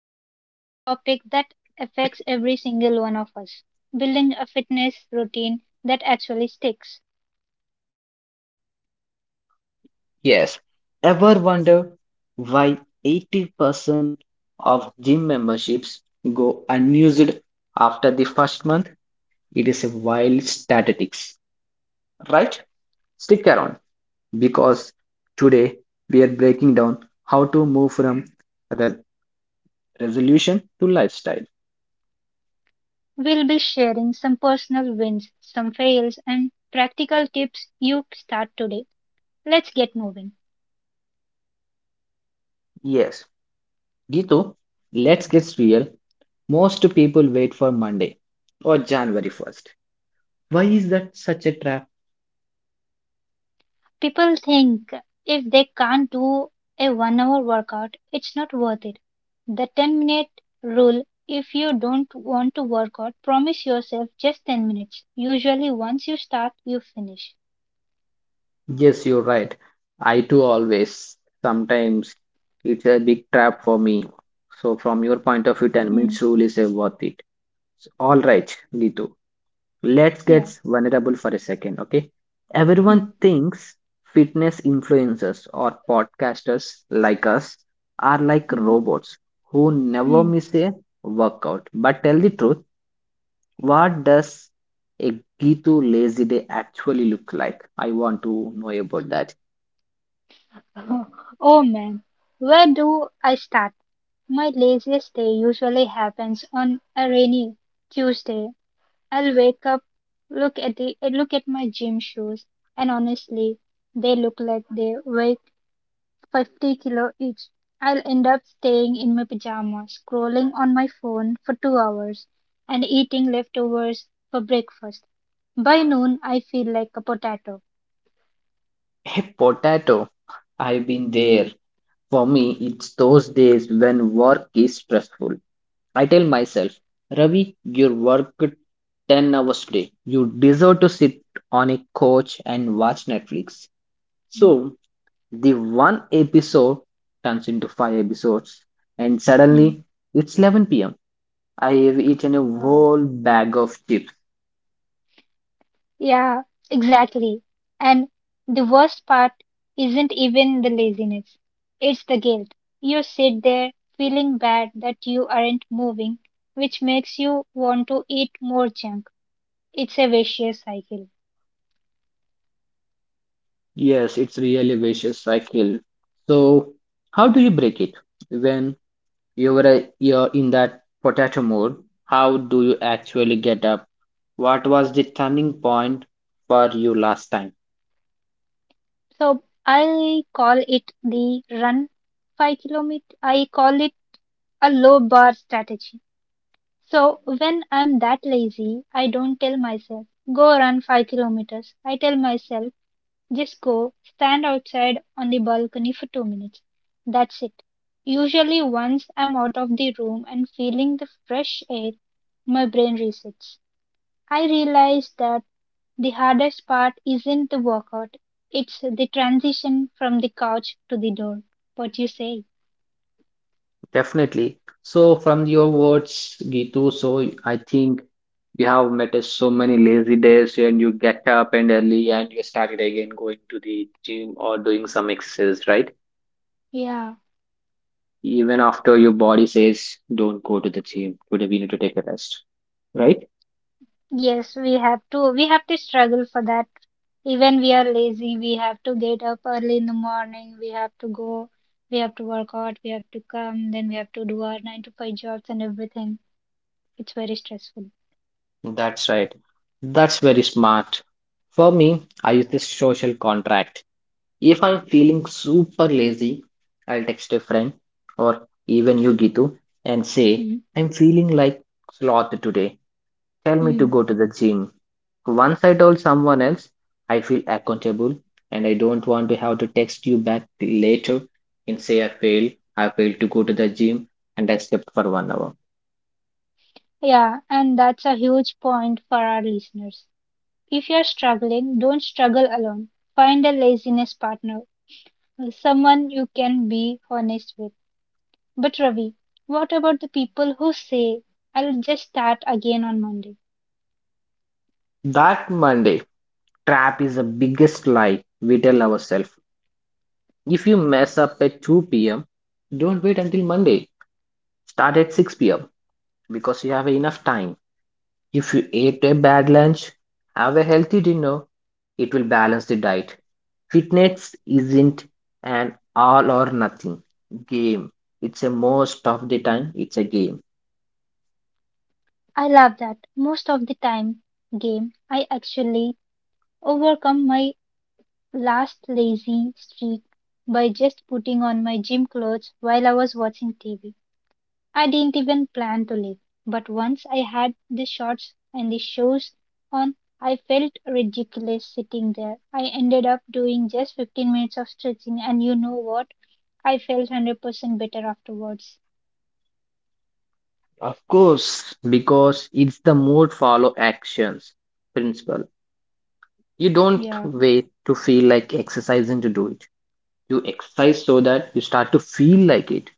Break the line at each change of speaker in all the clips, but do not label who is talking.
diving into a topic that affects every single one of us: building a fitness routine that actually sticks.
Yes. Ever wonder why 80% of gym memberships go unused after the first month? It is a wild statistics, right? Stick around, because today we are breaking down how to move from re- resolution to lifestyle.
We'll be sharing some personal wins, some fails, and practical tips you start today. Let's get moving.
Yes. Gito, let's get real. Most people wait for Monday or January 1st. Why is that such a trap?
People think if they can't do a 1 hour workout, it's not worth it. The 10-minute rule: if you don't want to work out, promise yourself just 10 minutes. Usually, once you start, you finish.
Yes, you're right. I too always. Sometimes it's a big trap for me. So, from your point
Hmm.
of view, 10 minutes rule is worth it. So, all right, Gitu. Let's
Yeah.
get vulnerable for a second, okay?
Hmm.
Everyone thinks fitness influencers or podcasters like us are like
Hmm.
robots who never
Hmm.
miss a workout. But tell the truth, what does a Gitu lazy day actually look like? I want to know about that.
Oh man, where do I start? My laziest day usually happens on a rainy Tuesday. I'll wake up, look at the look at my gym shoes, and honestly, they look like they weigh 50 kilo each. I'll end up staying in my pajamas, scrolling on my phone for 2 hours, and eating leftovers for breakfast. By noon, I feel like a potato.
Hey, potato, I've been there. For me, it's those days when work is stressful. I tell myself, Ravi, you worked 10 hours today. You deserve to sit on a couch and watch Netflix.
Hmm.
So, the one episode turns into five episodes, and
Hmm.
suddenly it's 11 pm. I have eaten a
Wow.
whole bag of chips.
Yeah, exactly. And the worst part isn't even the laziness, it's the guilt. You sit there feeling bad that you aren't moving, which makes you want to eat more junk. It's a vicious cycle.
Yes, it's really vicious cycle. So, how do you break it? When you're a, you're in that potato mode, how do you actually get up? What was the turning point for you last time?
So I call it the run 5 kilometer. I call it a low bar strategy. So when I'm that lazy, I don't tell myself, go run 5 kilometers. I tell myself, just go, stand outside on the balcony for 2 minutes. That's it. Usually, once I'm out of the room and feeling the fresh air, my brain resets. I realize that the hardest part isn't the workout, it's the transition from the couch to the door. What you say?
Definitely. So, from your words, Gitu, so I think you have met us so many lazy days, and you get up and early, and you started again going to the gym or doing some exercise, right?
Yeah.
Even after your body says, "Don't go to the gym today, we need to take a rest," right?
Yes, we have to struggle for that. Even we are lazy, we have to get up early in the morning, we have to go, we have to work out, we have to come, then we have to do our 9 to 5 jobs and everything. It's very stressful.
That's right. That's very smart. For me, I use this social contract. If I'm feeling super lazy, I'll text a friend or even you, Gitu, and say,
Mm-hmm.
I'm feeling like sloth today. Tell me to
Mm-hmm.
go to the gym. Once I told someone else, I feel accountable, and I don't want to have to text you back later and say I failed. I failed to go to the gym and I slept for 1 hour.
Yeah, and that's a huge point for our listeners. If you're struggling, don't struggle alone. Find a laziness partner, someone you can be honest with. But Ravi, what about the people who say, I'll just start again on Monday?
That Monday trap is the biggest lie we tell ourselves. If you mess up at 2 p.m., don't wait until Monday. Start at 6 p.m. because you have enough time. If you ate a bad lunch, have a healthy dinner. It will balance the diet. Fitness isn't an all or nothing game. It's a most of the time, it's a game.
I love that. Most of the time game, I actually overcome my last lazy streak by just putting on my gym clothes while I was watching TV. I didn't even plan to leave, but once I had the shorts and the shoes on, I felt ridiculous sitting there. I ended up doing just 15 minutes of stretching and you know what? I felt 100% better afterwards.
Of course, because it's the mood follow actions principle. You don't
Yeah.
wait to feel like exercising to do it. You exercise so that you start to feel like it.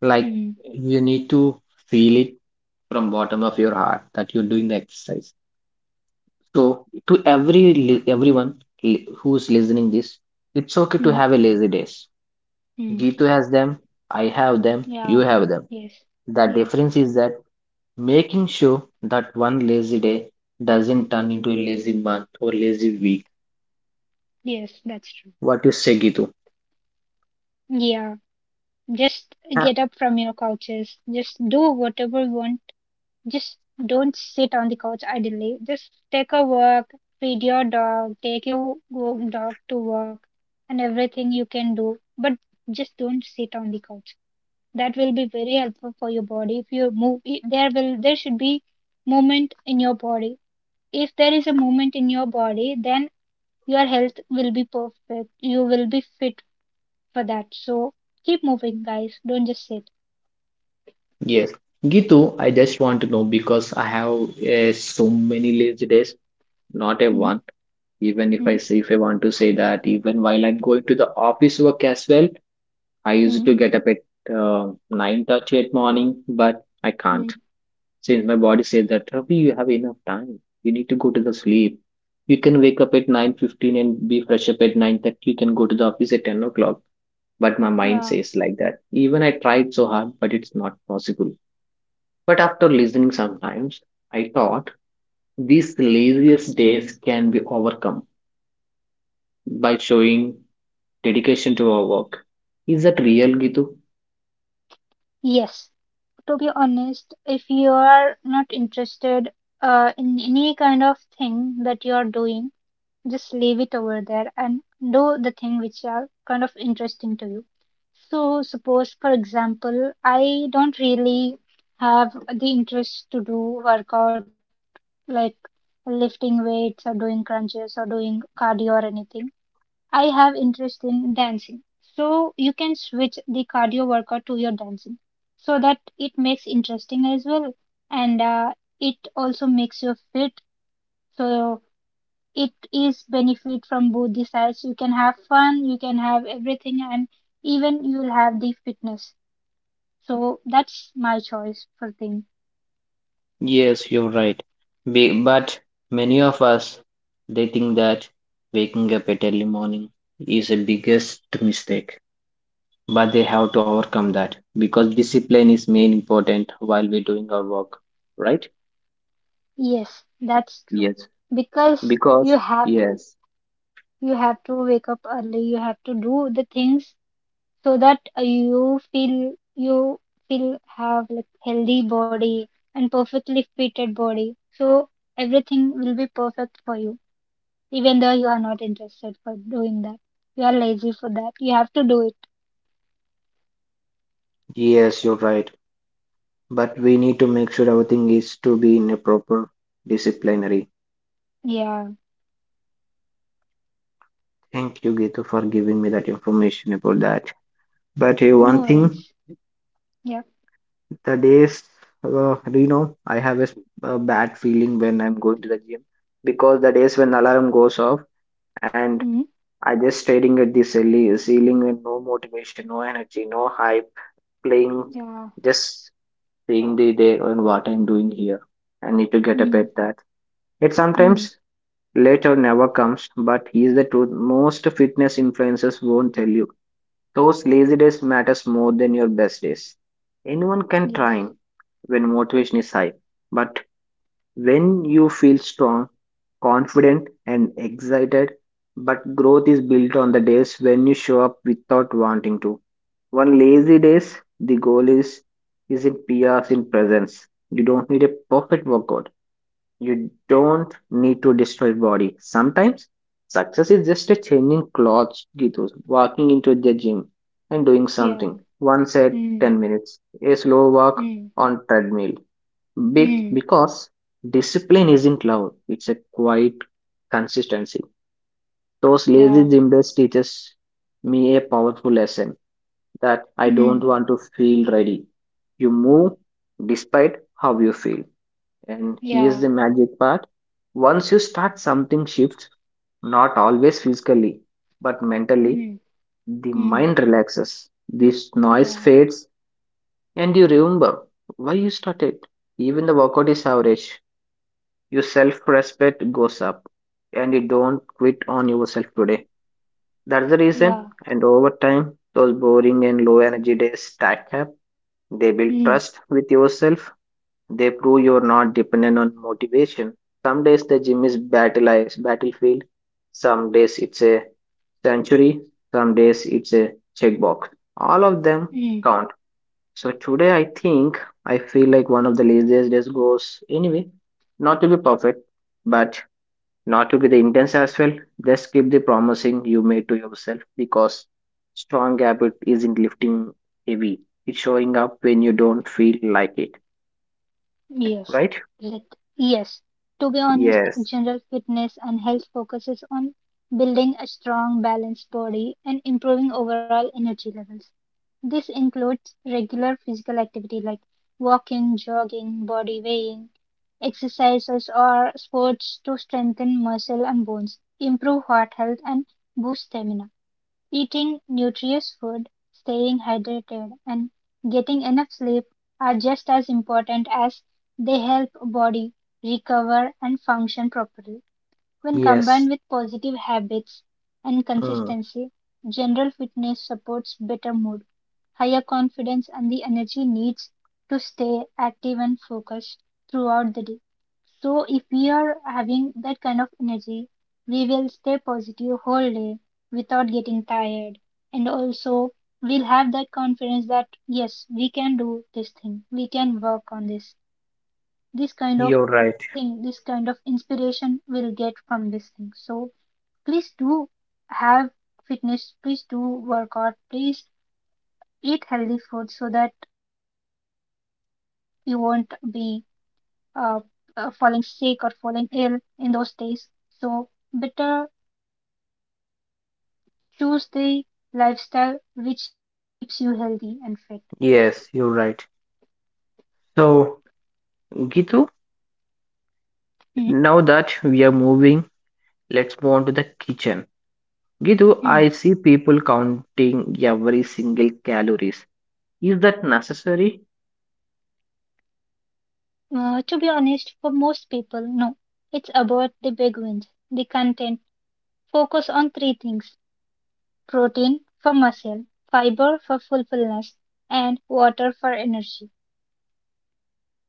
Like
Hmm.
you need to feel it from bottom of your heart that you're doing the exercise. So to every everyone who's listening this, it's okay to
Hmm.
have a lazy days.
Hmm.
Gitu has them, I have them, you
Yeah.
have them.
Yes.
The
Yes.
difference is that making sure that one lazy day doesn't turn into a lazy month or lazy week.
Yes, that's true.
What you say, Gitu?
Yeah, just get up from your couches. Just do whatever you want. Just don't sit on the couch idly. Just take a walk, feed your dog, take your dog to work, and everything you can do. But just don't sit on the couch. That will be very helpful for your body. If you move, there should be movement in your body. If there is a movement in your body, then your health will be perfect. You will be fit for that. So keep moving, guys. Don't just sit.
Yes. Gitu, I just want to know, because I have so many lazy days, not a
Mm,
one. Even if
mm,
I say, if I want to say that, even while I'm going to the office work as well, I used
mm,
to get up at uh, 9:30 at morning, but I can't.
mm.
Since my body says that, Ravi, you have enough time. You need to go to the sleep. You can wake up at 9:15 and be fresh up at 9:30. You can go to the office at 10 o'clock. But my mind
Yeah.
says like that. Even I tried so hard, but it's not possible. But after listening sometimes, I thought these laziest days can be overcome by showing dedication to our work. Is that real, Gitu?
Yes. To be honest, if you are not interested in any kind of thing that you are doing, just leave it over there and do the thing which are kind of interesting to you. So suppose, for example, I don't really have the interest to do workout like lifting weights or doing crunches or doing cardio or anything. I have interest in dancing. So you can switch the cardio workout to your dancing so that it makes interesting as well and it also makes you fit. So it is benefit from both the sides. You can have fun, you can have everything and even you'll have the fitness. So that's my choice for thing.
Yes, you're right. But many of us, they think that waking up at early morning is the biggest mistake. But they have to overcome that, because discipline is main important while we're doing our work, right?
Yes, that's true.
Yes,
Because
because yes,
you have to wake up early, you have to do the things so that you feel have like healthy body and perfectly fitted body so everything will be perfect for you even though you are not interested for doing that, you are lazy for that, you have to do it.
yes, you're right. But we need to make sure everything is to be in a proper disciplinary.
Yeah,
Thank you, Gitu, for giving me that information about that. But
no
one thing,
worries. Yeah.
the days, I have a, a bad feeling when I'm going to the gym, because the days when alarm goes off and
mm
I just staring at the ceiling, and no motivation, no energy, no hype, playing,
yeah.
just seeing the day and what I'm doing here. I need to get up
mm
at that. It
mm
sometimes later never comes, but here's the truth most fitness influencers won't tell you. Those lazy days matters more than your best days. Anyone can
yes.
train when motivation is high, but when you feel strong, confident, and excited, but growth is built on the days when you show up without wanting to. One lazy days, the goal is isn't PRs in presence. You don't need a perfect workout. You don't need to destroy body. Sometimes success is just a changing clothes, Gitu. Walking into the gym and doing something.
Yeah.
Once at
mm
10 minutes. A slow walk
mm
on treadmill.
mm
Because discipline isn't loud. It's a quiet consistency. Those
yeah.
lazy gym days teaches me a powerful lesson that I
mm
don't want to feel ready. You move despite how you feel. And here's
yeah.
the magic part. Once you start, something shifts, not always physically, but mentally.
mm
The
mm
mind relaxes, this noise
yeah.
fades, and you remember why you started. Even the workout is average, your self respect goes up, and you don't quit on yourself today. That's the reason,
Yeah.
and over time, those boring and low energy days stack up. They build
mm
trust with yourself. They prove you're not dependent on motivation. Some days the gym is battlefield. Some days it's a sanctuary. Some days it's a checkbox. All of them
mm
count. So today I think I feel like one of the laziest days goes anyway. Not to be perfect, but not to be the intense as well. Just keep the promising you made to yourself, because strong habit isn't lifting heavy. It's showing up when you don't feel like it.
Yes,
Right?
let yes. To be honest,
Yes.
general fitness and health focuses on building a strong, balanced body and improving overall energy levels. This includes regular physical activity like walking, jogging, body weighing, exercises, or sports to strengthen muscle and bones, improve heart health, and boost stamina. Eating nutritious food, staying hydrated, and getting enough sleep are just as important, as they help body recover and function properly. When combined
Yes,
with positive habits and
mm,
consistency, general fitness supports better mood, higher confidence, and the energy needs to stay active and focused throughout the day. So if we are having that kind of energy, we will stay positive whole day without getting tired. And also we'll have that confidence that yes, we can do this thing. We can work on this. This kind of
you're right.
thing, this kind of inspiration we'll get from this thing. So please do have fitness, please do work out, please eat healthy food so that you won't be uh, falling sick or falling ill in those days. So, better choose the lifestyle which keeps you healthy and fit.
Yes, you're right. So, Gitu, now that we are moving, let's move on to the kitchen. Gitu,
Mm-hmm.
I see people counting every single calories. Is that necessary?
To be honest, for most people, no. It's about the big wins, the content. Focus on three things: protein for muscle, fiber for fulfillment, and water for energy.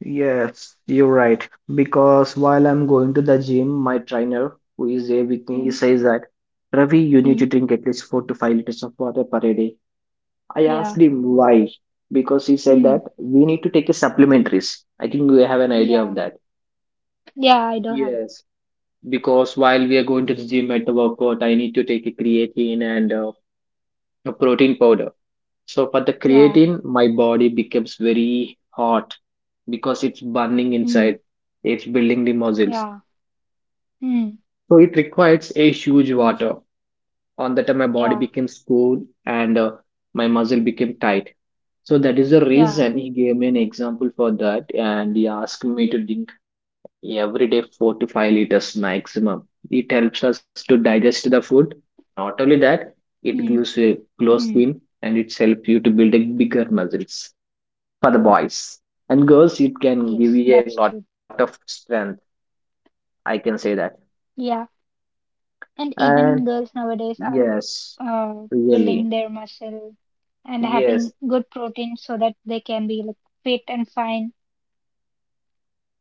Yes, you're right. Because while I'm going to the gym, my trainer, who is there with me, he
Mm-hmm.
says that Ravi, you need to drink at least 4 to 5 liters of water per day. I asked
Yeah.
him why, because he said
Mm.
that we need to take a supplementaries. I think we have an idea
Yeah.
of that.
Yeah, I do have.
Yes, because while we are going to the gym at the workout, I need to take a creatine and a protein powder. So for the
Yeah.
creatine, my body becomes very hot because it's burning
Mm.
inside. It's building the muscles.
Yeah. Mm.
So it requires a huge water. On that time my body
Yeah,
became cool and my muscle became tight, so that is the
yeah.
reason he gave me an example for that, and he asked me to drink every day 4 to 5 liters maximum. It helps us to digest the food. Not only that,
Hmm,
it gives you a
hmm.
glow skin, and it helps you to build a bigger muscles. For the boys
Yes, that's
and
true.
girls, it can give you a lot of strength, I can say that.
Yeah, and even girls
And
nowadays are
yes,
uh, building
really,
their muscle and having
yes,
good protein so that they can be like fit and fine.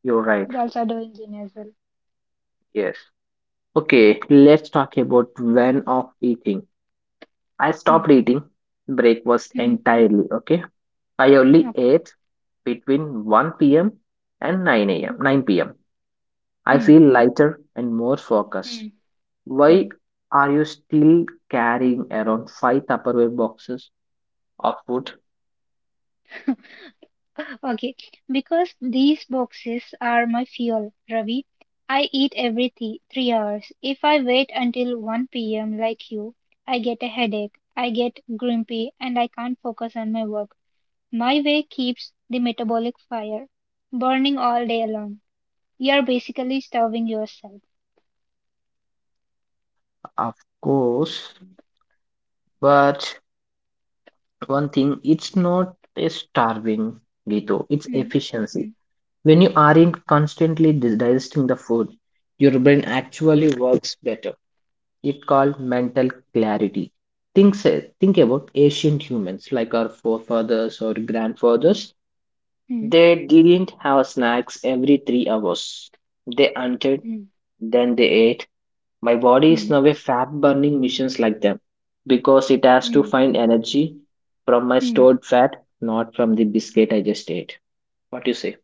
you're right,
Girls are doing gym as well.
yes. Okay, let's talk about when of eating. I
Hmm,
stopped eating breakfast
hmm.
entirely. Okay, I only
Okay.
ate between 1 p.m. and 9 a.m. 9 p.m. I
Hmm,
feel lighter and more
hmm,
focused. Why
hmm.
are you still carrying around five Tupperware boxes of food?
Okay, because these boxes are my fuel, Ravi. I eat every 3 hours. If I wait until 1 p.m. like you, I get a headache, I get grumpy, and I can't focus on my work. My way keeps the metabolic fire burning all day long. You're basically starving yourself.
Of course, but one thing, it's not a starving, Gito. It's
Hmm,
efficiency.
hmm,
When you aren't constantly digesting the food, your brain actually works better. It's called mental clarity. Think, say, think about ancient humans like our forefathers or grandfathers.
hmm,
They didn't have snacks every 3 hours. They hunted,
hmm,
then they ate. My body is
hmm,
now a fat burning machines like them, because it has to
hmm,
find energy from my
hmm.
stored fat, not from the biscuit I just ate. What do you say?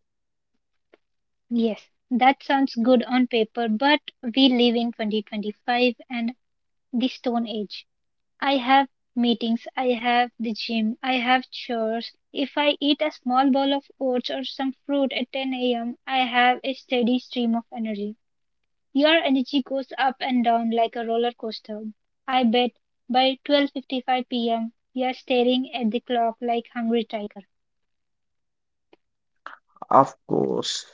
Yes, that sounds good on paper, but we live in 2025 and the Stone Age. I have meetings, I have the gym, I have chores. If I eat a small bowl of oats or some fruit at 10 a.m., I have a steady stream of energy. Your energy goes up and down like a roller coaster. I bet by 12:55 p.m. you're staring at the clock like hungry tiger.
Of course.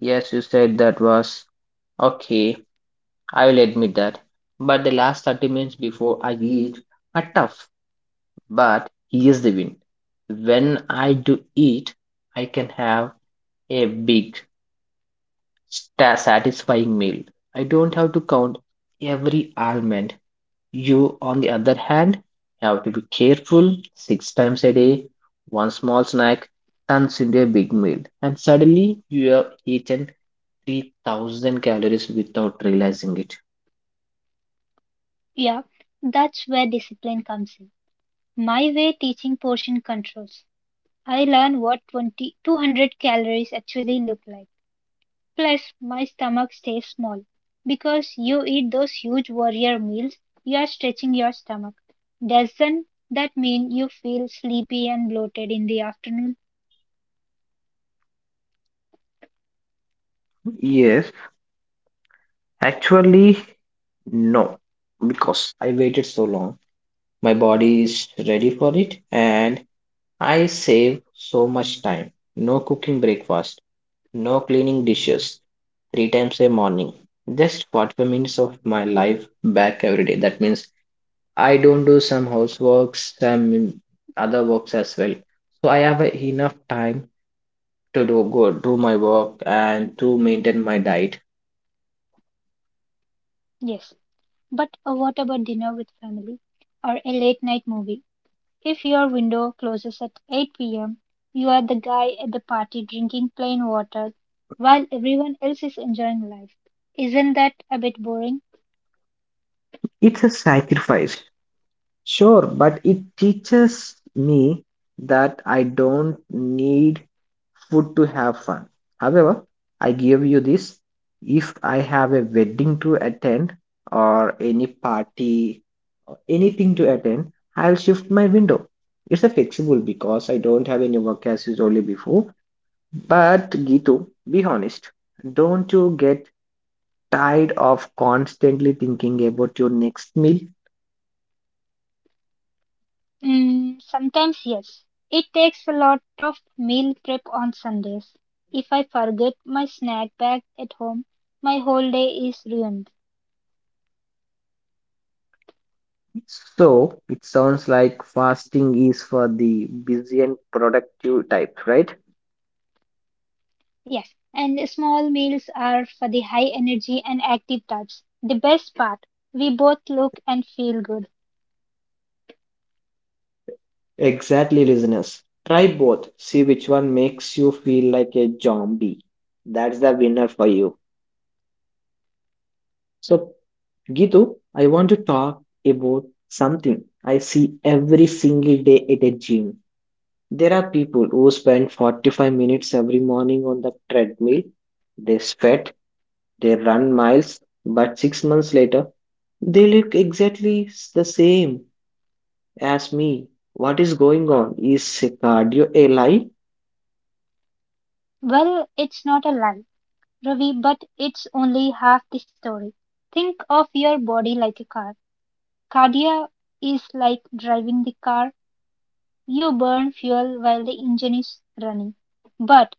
Yes, you said that was okay. I will admit that. But the last 30 minutes before I eat are tough. But here's the win. When I do eat, I can have a big, satisfying meal. I don't have to count every almond. You, on the other hand, have to be careful six times a day. One small snack turns into a big meal, and suddenly you have eaten 3,000 calories without realizing it.
Yeah, that's where discipline comes in. My way teaching portion controls. I learn what 200 calories actually look like. Plus, my stomach stays small. Because you eat those huge warrior meals, you are stretching your stomach. Doesn't that mean you feel sleepy and bloated in the afternoon?
Yes, actually, no, because I waited so long. My body is ready for it, and I save so much time. No cooking breakfast, no cleaning dishes, three times a morning. Just 45 minutes of my life back every day. That means I don't do some houseworks, some other works as well. So I have enough time to do good, do my work, and to maintain my diet.
Yes. But what about dinner with family or a late night movie? If your window closes at 8 p.m., you are the guy at the party drinking plain water while everyone else is enjoying life. Isn't that a bit boring?
It's a sacrifice, sure, but it teaches me that I don't need food to have fun. However, I give you this: if I have a wedding to attend or any party or anything to attend, I'll shift my window. It's a flexible because I don't have any work as is only before. But Gitu, be honest, don't you get tired of constantly thinking about your next meal?
Mm, sometimes yes. It takes a lot of meal prep on Sundays. If I forget my snack bag at home, my whole day is ruined.
So it sounds like fasting is for the busy and productive type, right?
Yes, and small meals are for the high energy and active types. The best part, we both look and feel good.
Exactly, listeners. Try both. See which one makes you feel like a zombie. That's the winner for you. So, Gitu, I want to talk about something I see every single day at a gym. There are people who spend 45 minutes every morning on the treadmill. They sweat, they run miles, but 6 months later, they look exactly the same as me. What is going on? Is cardio a lie?
Well, it's not a lie, Ravi, but it's only half the story. Think of your body like a car. Cardia is like driving the car. You burn fuel while the engine is running. But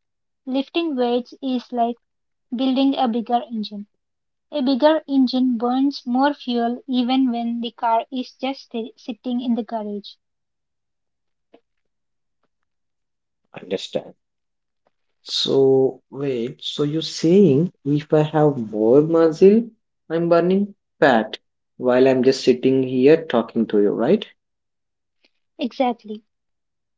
lifting weights is like building a bigger engine. A bigger engine burns more fuel even when the car is just sitting in the garage.
Understand. So, wait, so you're saying if I have more muscle, I'm burning fat while I'm just sitting here talking to you, right?
Exactly.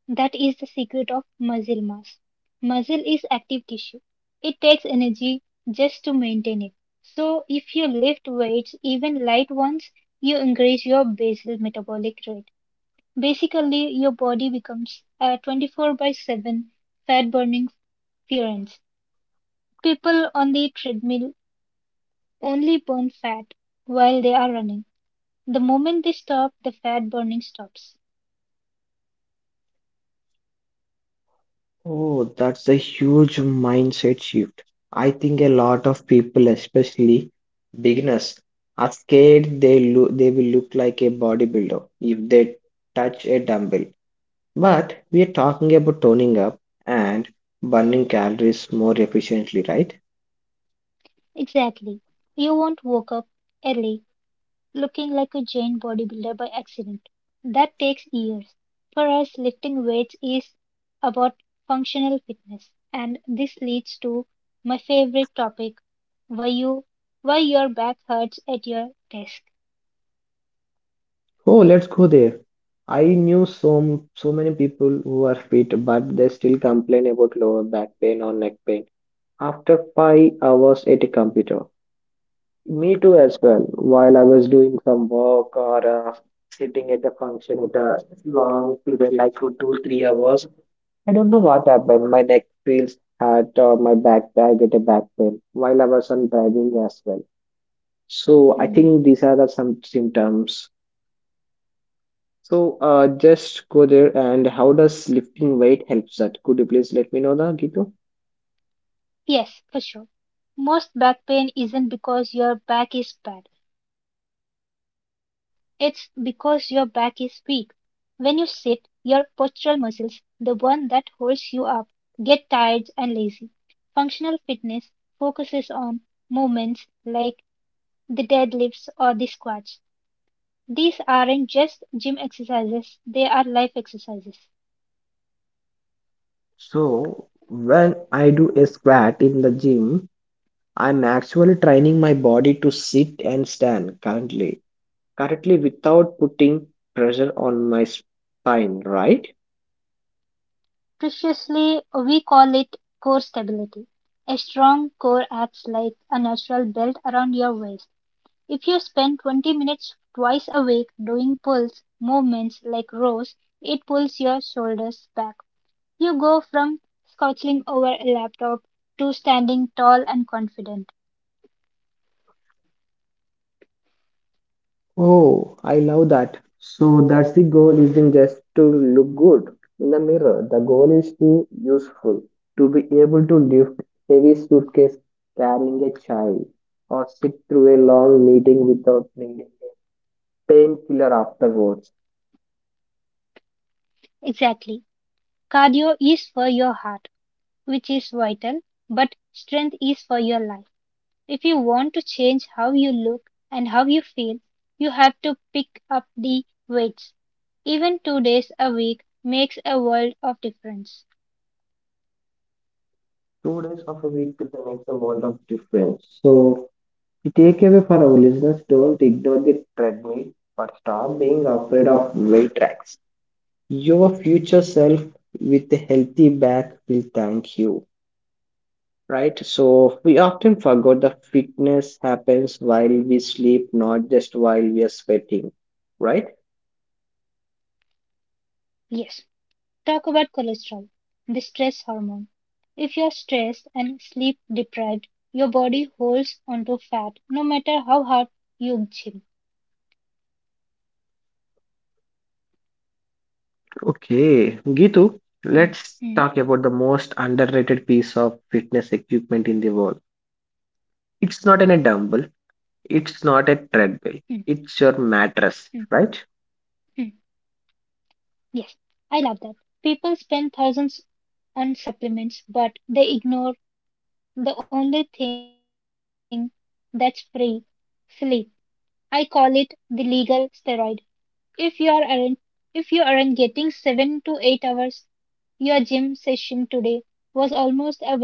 That is the secret of muscle mass. Muscle is active tissue. It takes energy just to maintain it. So if you lift weights, even light ones, you increase your basal metabolic rate. Basically, your body becomes a 24 by 7 fat burning furnace. People on the treadmill only burn fat while they are running. The moment they stop, the fat burning stops.
Oh, that's a huge mindset shift. I think a lot of people, especially beginners, are scared they will look like a bodybuilder if they touch a dumbbell. But we are talking about toning up and burning calories more efficiently, right?
Exactly. You won't wake up early looking like a giant bodybuilder by accident. That takes years. For us, lifting weights is about functional fitness, and this leads to my favorite topic: why you why your back hurts at your desk.
Oh, let's go there. I knew so many people who are fit, but they still complain about lower back pain or neck pain after 5 hours at a computer. Me too, as well. While I was doing some work or sitting at a function with a long period, like for two, 3 hours, I don't know what happened. My neck feels hurt or my back, I get a back pain while I was on driving as well. So I
Hmm.
think these are the some symptoms. So just go there, and how does lifting weight helps that? Could you please let me know that, Gitu?
Yes, for sure. Most back pain isn't because your back is bad. It's because your back is weak. When you sit, your postural muscles, the one that holds you up, get tired and lazy. Functional fitness focuses on movements like the deadlifts or the squats. These aren't just gym exercises, they are life exercises.
So when I do a squat in the gym, I'm actually training my body to sit and stand currently without putting pressure on my spine, right?
Preciously, we call it core stability. A strong core acts like a natural belt around your waist. If you spend 20 minutes twice a week doing pulse movements like rows, it pulls your shoulders back. You go from slouching over a laptop to standing tall and confident.
Oh, I love that. So that's the goal isn't just to look good in the mirror. The goal is to useful, to be able to lift heavy suitcase, carrying a child or sit through a long meeting without needing a painkiller afterwards.
Exactly. Cardio is for your heart, which is vital, but strength is for your life. If you want to change how you look and how you feel, you have to pick up the weights. Even 2 days a week makes a world of difference.
2 days of a week is makes a world of difference. So the takeaway for our listeners: don't ignore the treadmill or stop being afraid of weight tracks. Your future self with a healthy back will thank you. Right? So we often forget that fitness happens while we sleep, not just while we are sweating. Right?
Yes, talk about cholesterol, the stress hormone. If you're stressed and sleep deprived, your body holds onto fat no matter how hard you gym.
Okay, Gitu,
Mm,
let's talk
mm,
about the most underrated piece of fitness equipment in the world. It's
mm,
not in a dumbbell, it's not a
mm,
treadmill, it's your mattress,
mm.
right?
Yes, I love that. People spend thousands on supplements, but they ignore the only thing that's free, sleep. I call it the legal steroid. If you aren't getting 7 to 8 hours, your gym session today was almost a waste of time.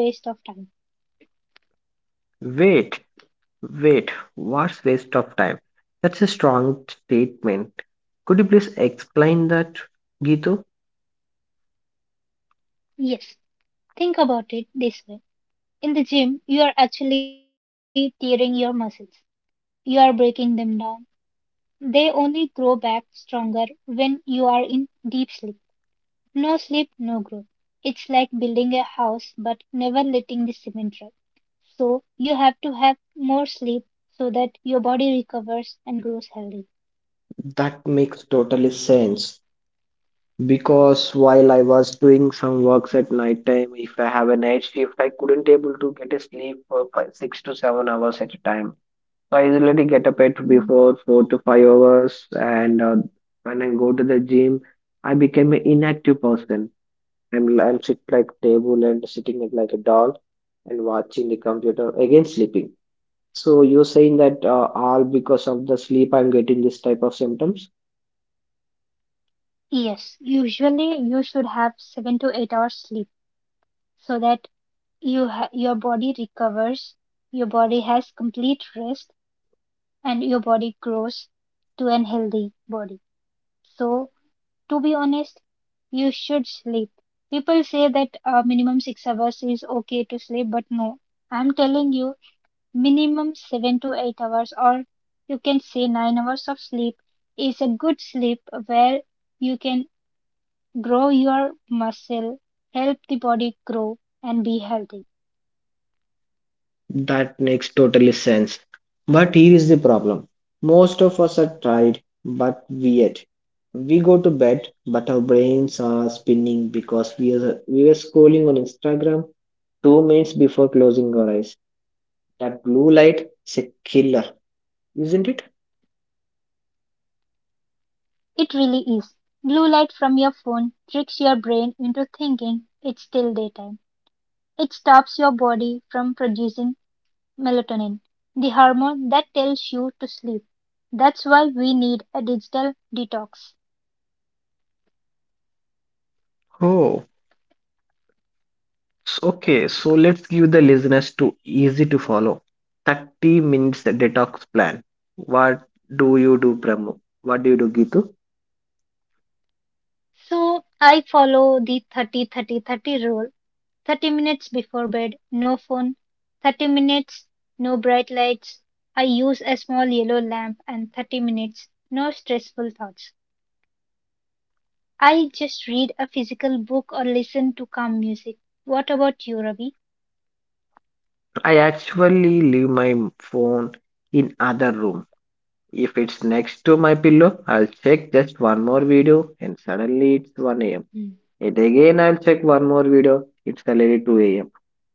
Wait, wait, what's waste of time? That's a strong statement. Could you please explain that, Gitu?
Yes, think about it this way. In the gym, you are actually tearing your muscles. You are breaking them down. They only grow back stronger when you are in deep sleep. No sleep, no growth. It's like building a house but never letting the cement dry. So you have to have more sleep so that your body recovers and grows healthy.
That makes totally sense, because while I was doing some works at night time, if I have a night shift, I couldn't able to get a sleep for five, 6 to 7 hours at a time. So I usually get up at
Mm.
before 4 to 5 hours, and when I go to the gym, I became an inactive person. I'm sit like table and sitting it like a doll and watching the computer again sleeping. So you're saying that all because of the sleep I'm getting this type of symptoms?
Yes, usually you should have 7 to 8 hours sleep so that your body recovers, your body has complete rest, and your body grows to an healthy body. So, to be honest, you should sleep. People say that minimum 6 hours is okay to sleep, but no, I'm telling you, minimum 7 to 8 hours, or you can say 9 hours of sleep is a good sleep where you can grow your muscle, help the body grow and be healthy.
That makes totally sense. But here is the problem. Most of us are tired but weird. We go to bed but our brains are spinning because we were scrolling on Instagram 2 minutes before closing our eyes. That blue light is a killer, isn't it?
It really is. Blue light from your phone tricks your brain into thinking it's still daytime. It stops your body from producing melatonin, the hormone that tells you to sleep. That's why we need a digital detox.
Oh. Okay, so let's give the listeners to easy to follow 30 minutes detox plan. What do you do, Pramu? What do you do, Gitu?
So I follow the 30 30 30 rule. 30 minutes before bed, no phone. 30 minutes, no bright lights. I use a small yellow lamp and 30 minutes, no stressful thoughts. I just read a physical book or listen to calm music. What about you, Ravi?
I actually leave my phone in other room. If it's next to my pillow, I'll check just one more video and suddenly it's 1 a.m.
Mm.
And again, I'll check one more video. It's already 2 a.m.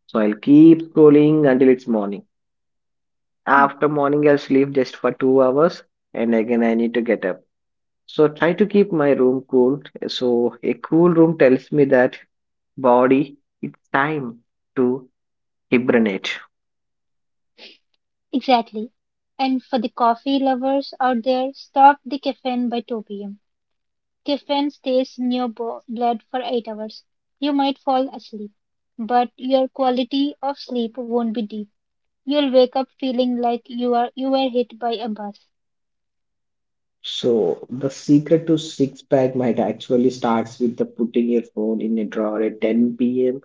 So I'll keep scrolling until it's morning.
Mm.
After morning, I'll sleep just for 2 hours and again I need to get up. So try to keep my room cool. So a cool room tells me that body, it's time to hibernate.
Exactly. And for the coffee lovers out there, stop the caffeine by 2 pm. Caffeine stays in your blood for 8 hours. You might fall asleep, but your quality of sleep won't be deep. You'll wake up feeling like you were hit by a bus.
So the secret to six pack might actually starts with the putting your phone in a drawer at 10 p.m.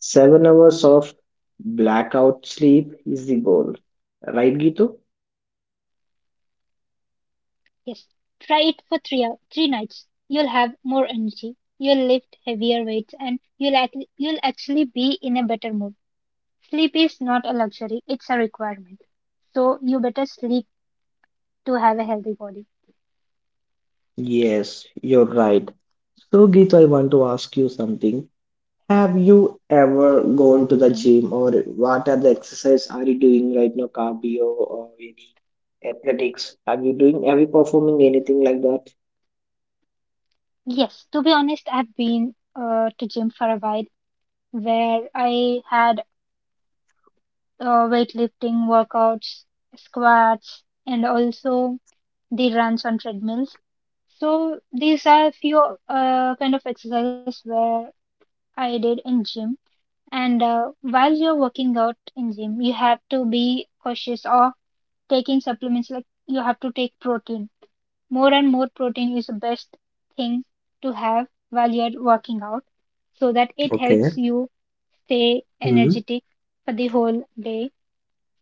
7 hours of blackout sleep is the goal. Right, Gitu?
Yes. Try it for 3 nights. You'll have more energy. You'll lift heavier weights and you'll actually be in a better mood. Sleep is not a luxury, it's a requirement. So you better sleep to have a healthy body.
Yes, you're right. So, Gitu, I want to ask you something. Have
Hmm.
you ever gone to the gym, or what are the exercise are you doing right now? Cardio or any athletics? Are you doing, are you performing anything like that?
Yes, to be honest, I've been to gym for a while where I had weightlifting workouts, squats, and also they runs on treadmills. So these are few kind of exercises where I did in gym. And while you're working out in gym, you have to be cautious of taking supplements. Like you have to take protein. More and more protein is the best thing to have while you're working out, so that it helps
Okay.
you stay
Hmm.
energetic for the whole day.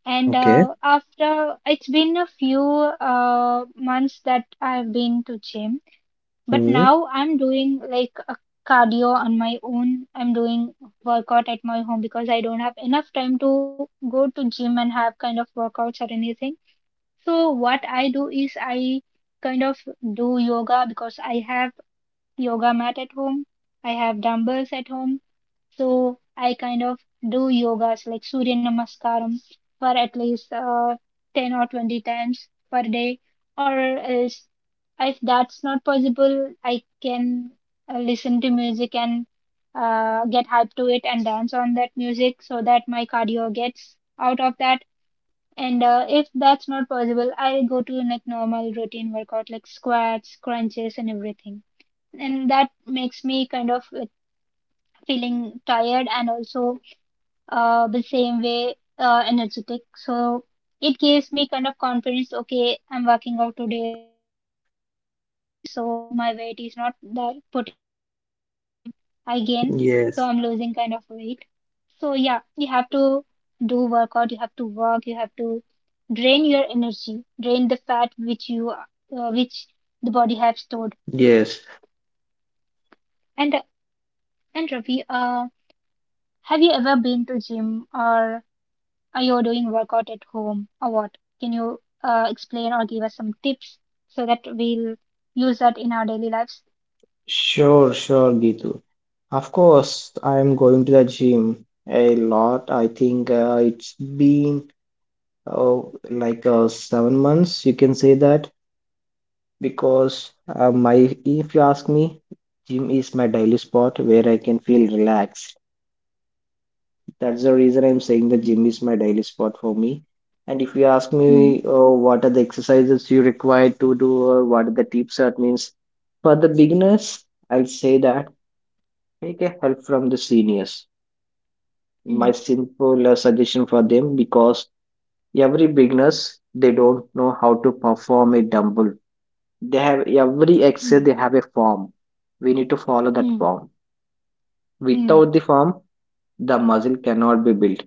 And
Okay.
after it's been a few months that I've been to gym, but
Hmm.
now I'm doing like a cardio on my own. I'm doing workout at my home because I don't have enough time to go to gym and have kind of workouts or anything. So what I do is I kind of do yoga because I have yoga mat at home. I have dumbbells at home. So I kind of do yogas like Surya Namaskaram for at least 10 or 20 times per day. Or else, if that's not possible, I can listen to music and get hyped to it and dance on that music so that my cardio gets out of that. And if that's not possible, I go to like normal routine workout like squats, crunches, and everything. And that makes me kind of like feeling tired and also the same way energetic. So it gives me kind of confidence. Okay, I'm working out today, so my weight is not that putting on again. So I'm losing kind of weight. So yeah, you
Yes.
have to do workout. You have to work. You have to drain your energy, drain the fat which the body have stored.
Yes.
And and Ravi, have you ever been to gym or are you doing workout at home or what? Can you explain or give us some tips so that we'll use that in our daily lives?
Sure, sure, Gitu. Of course, I am going to the gym a lot. I think it's been uh, 7 months, you can say that. Because my, if you ask me, gym is my daily spot where I can feel relaxed. That's the reason I'm saying the
Mm,
gym is my daily spot for me. And if you ask
mm,
me, oh, what are the exercises you require to do or what are the tips that means for the beginners, I'll say that take a help from the seniors.
mm,
My simple suggestion for them, because every beginners they don't know how to perform a dumbbell. They have every
mm,
exercise, they have a form. We need to follow that
mm,
form.
mm,
Without the form, the muscle cannot be built.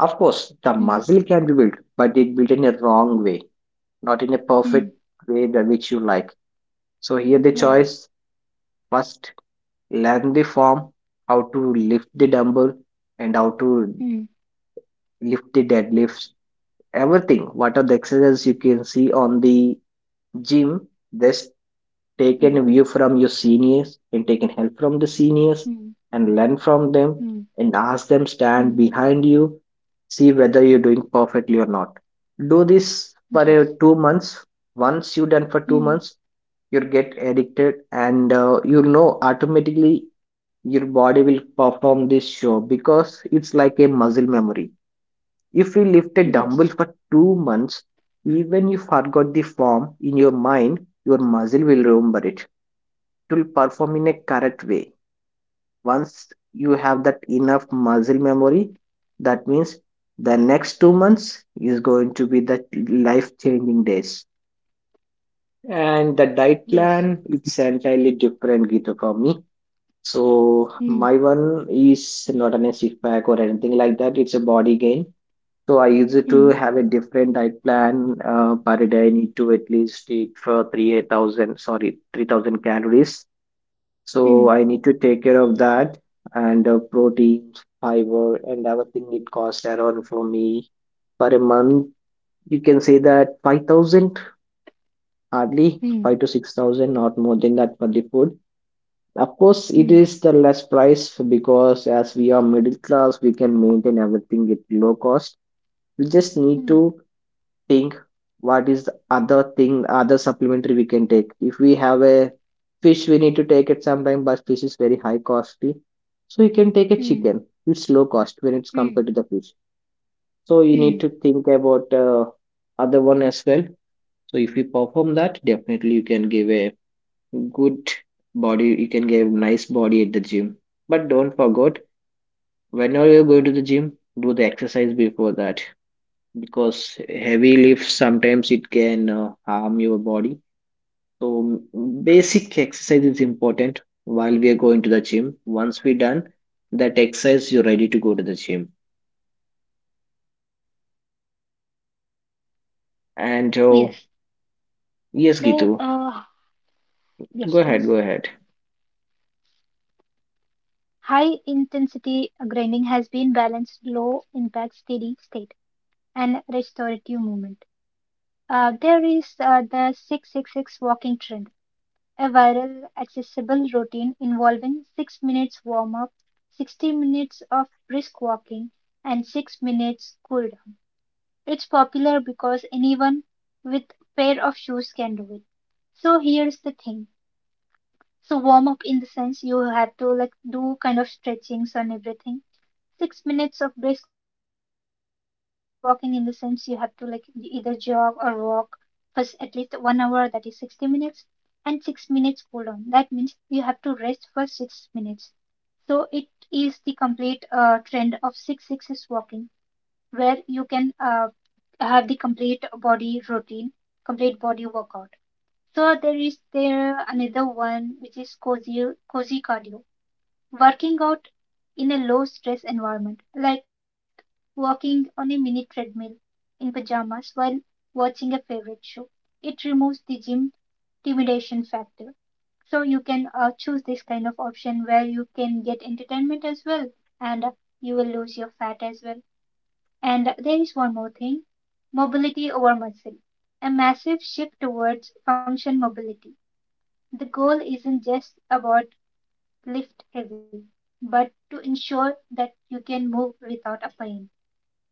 Of course, the
mm,
muscle can be built, but it built in a wrong way, not in a
mm,
perfect way that which you like. So here the
yeah.
choice: first learn the form, how to lift the dumbbell and how to
Mm,
lift the deadlifts. Everything, what are the exercises you can see on the gym, just
mm,
taken view from your seniors and taken help from the
mm,
seniors and learn from
mm,
them and ask them
mm,
stand behind you, see whether you're doing perfectly or not. Do this for
yes.
2 months. Once you done for two
Mm,
months you'll get addicted, and you know, automatically your body will perform this show because it's like a muscle memory. If you lift a
yes.
dumbbell for 2 months, even you forgot the form in your mind, your muscle will remember it. It will perform in a correct way. Once you have that enough muscle memory, that means the next 2 months is going to be the life changing days. And the diet
Yes.
plan, it's entirely different, Gita, for me. So
Mm,
my one is not an a six pack or anything like that. It's a body gain. So I used to
mm,
have a different diet plan. Per day, I need to at least eat for 3 8,000, sorry, 3,000 calories. So
mm,
I need to take care of that, and proteins, fiber, and everything, it costs around for me for a month, you can say that 5,000, hardly
mm,
5 to 6,000, not more than that for the food. Of course, it
mm,
is the less price because as we are middle class, we can maintain everything at low cost. We just need to
mm,
think what is the other thing, other supplementary we can take. If we have a fish, we need to take it sometime, but fish is very high costly, so you can take a
mm,
chicken. It's low cost when it's
mm,
compared to the fish. So you need
mm,
to think about other one as well. So if you perform that, definitely you can give a good body, you can give nice body at the gym. But don't forget, whenever you're going to the gym, do the exercise before that, because heavy lifts sometimes it can harm your body. So basic exercise is important while we are going to the gym. Once we done that exercise, you're ready to go to the gym,
yes.
and
So,
yes, Gitu,
yes, please.
go ahead, go ahead.
High intensity grinding has been balanced low impact steady state and restorative movement. There is the 6-6-6 walking trend, a viral accessible routine involving 6 minutes warm up, 60 minutes of brisk walking, and 6 minutes cool down. It's popular because anyone with pair of shoes can do it. So here's the thing. So warm up, in the sense you have to like do kind of stretchings on everything. 6 minutes of brisk walking, in the sense you have to like either jog or walk first at least 1 hour, that is 60 minutes. And 6 minutes cool down, that means you have to rest for 6 minutes. So it is the complete trend of six sixes walking where you can have the complete body routine, complete body workout. So there is there another one, which is cozy cardio, working out in a low stress environment, like walking on a mini treadmill in pajamas while watching a favorite show. It removes the gym intimidation factor. So you can choose this kind of option where you can get entertainment as well and you will lose your fat as well. And there is one more thing, mobility over muscle. A massive shift towards function mobility. The goal isn't just about lift heavy, but to ensure that you can move without a pain.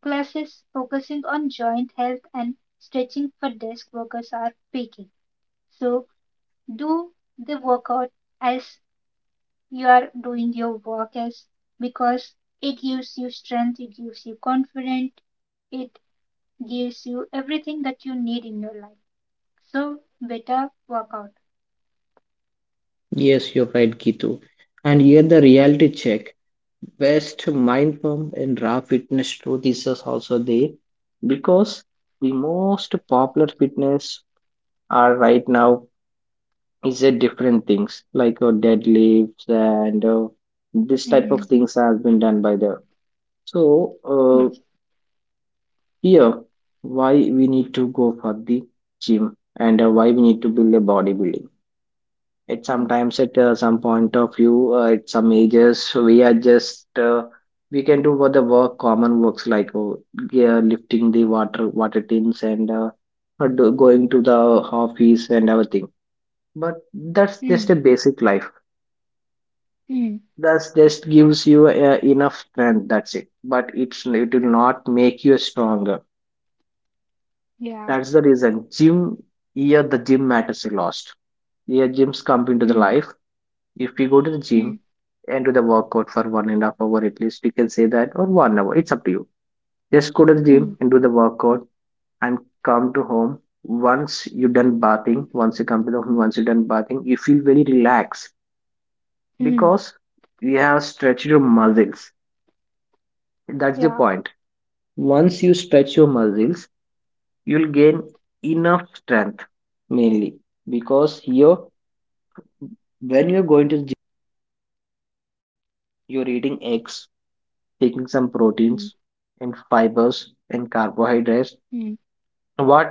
Classes focusing on joint health and stretching for desk workers are peaking. So do the workout as you are doing your work as because it gives you strength, it gives you confidence, it gives you everything that you need in your life. So better workout.
Yes, you're right, Gitu, and here the reality check: best mind pump and raw fitness truth is also there, because the most popular fitness are right now is a different things like deadlifts and this type of
Mm,
things has been done by the. So uh,
yes.
here why we need to go for the gym, and why we need to build a bodybuilding? It
Mm.
sometimes at some point of view, at some ages, we are just we can do for the work, common works like yeah, lifting the water tins and going to the office and everything. But that's just
Mm,
a basic life.
mm,
That just gives you enough strength. That's it. But it will not make you stronger.
yeah.
That's the reason. Gym, here the gym matters a lot. Here gyms come into
Mm,
the life. If we go to the
mm,
gym and do the workout for 1.5 hour at least, we can say that, or 1 hour. It's up to you. Just go to the
mm,
gym and do the workout and come to home. Once you're done bathing, once you come to the home, once you're done bathing, you feel very relaxed
mm.
because you have stretched your muscles. That's the
Yeah.
point. Once you stretch your muscles, you'll gain enough strength, mainly because here, when you're going to gym, you're eating eggs, taking some
Mm,
proteins and
mm,
fibers and carbohydrates,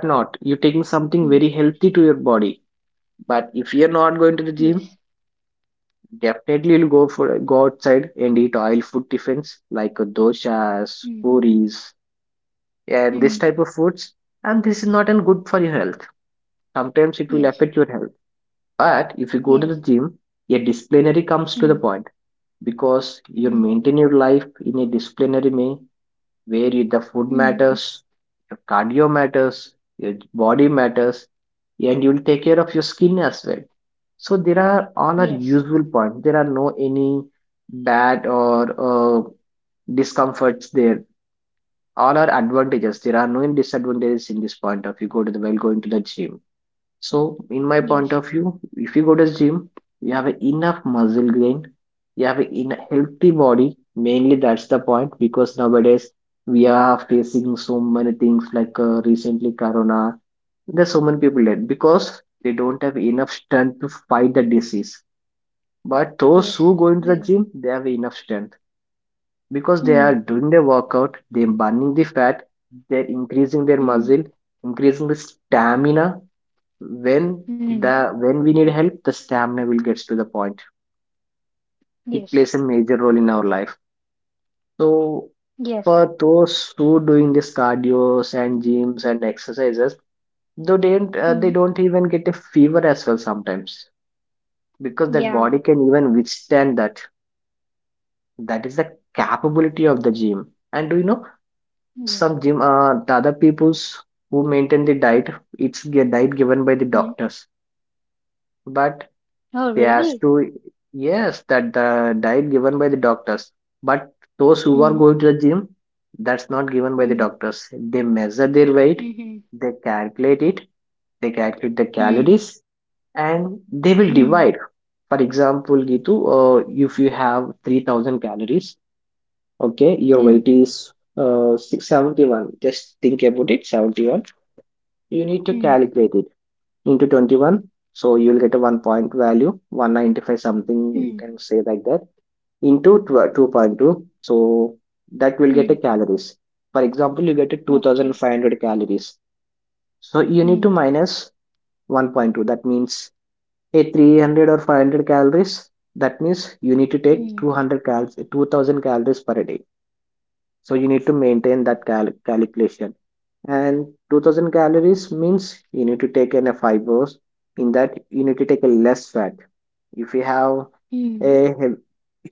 mm.
You're taking something very healthy to your body. But if you're not
Yes.
going to the gym, definitely you'll go for go outside and eat oil food tiffins like doshas,
Mm,
puris, and this
mm.
type of foods. And this is not an good for your health. Sometimes it will
Yes.
affect your health. But if you go to the
Yes.
gym, a disciplinary comes to the
Mm,
point because you
mm,
maintain your life in a disciplinary way where you- the food
mm.
matters, your cardio matters, your body matters, and you'll take care of your skin as well. So there are all are
Yes.
useful points. There are no any bad or uh, discomforts there. All are advantages. There are no any disadvantages in this point of you go to the while going to the gym. So, in my point
Yes.
of view, if you go to gym, you have enough muscle gain, you have a in healthy body. Mainly, that's the point, because nowadays we are facing so many things like recently corona. There's so many people dead because they don't have enough strength to fight the disease. But those who
Yes.
go into the
Then.
gym, they have enough strength because they
Mm,
are doing their workout, they're burning the fat, they're increasing their
mm,
muscle, increasing the stamina. When
mm.
the when we need help, the stamina will gets to the point. It
Yes.
plays a major role in our life. So
Yes.
for those who doing this cardios and gyms and exercises,
Mm.
they don't even get a fever as well sometimes, because that
Yeah.
body can even withstand that. That is the capability of the gym. And do you know,
Yes.
some gym the other peoples who maintain the diet, it's the diet given by the
Mm.
doctors. But
Oh,
they
really?
has to, yes, that the diet given by the doctors. But those who are
Mm,
going to the gym, that's not given by the
mm,
doctors. They measure their weight,
mm,
they calculate it, they calculate the
mm,
calories, and they
mm,
will divide. For example, Gitu, if you have 3,000 calories, okay, your
mm,
weight is 671. Just think about it, 71. You need to
mm,
calculate it into 21, so you'll get a 1 point value, 195 something, you
mm,
can say like that, into 2.2, so that will
mm.
get a calories. For example, you get a
Okay.
2,500 calories, so you need
Mm,
to minus 1.2. That means a 300 or 500 calories. That means you need to take
mm,
200 cal 2,000 calories per day. So you need to maintain that calculation. And 2,000 calories means you need to take in a fibers. In that you need to take a less fat. If you have
mm,
a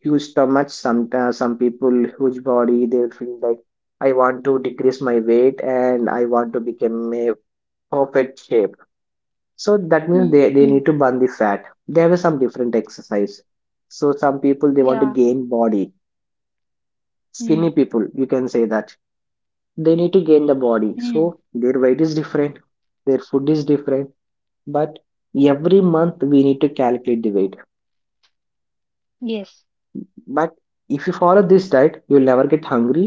huge stomach, some people huge body, they feel like I want to decrease my weight and I want to become a perfect shape. So that means
mm.
they need to burn the fat. There are some different exercise. So some people, they want to
Yeah.
gain body,
Mm,
skinny people you can say that, they need to gain the body. So
mm.
their weight is different, their food is different. But every month we need to calculate the weight.
Yes.
But if you follow this diet, you'll never get hungry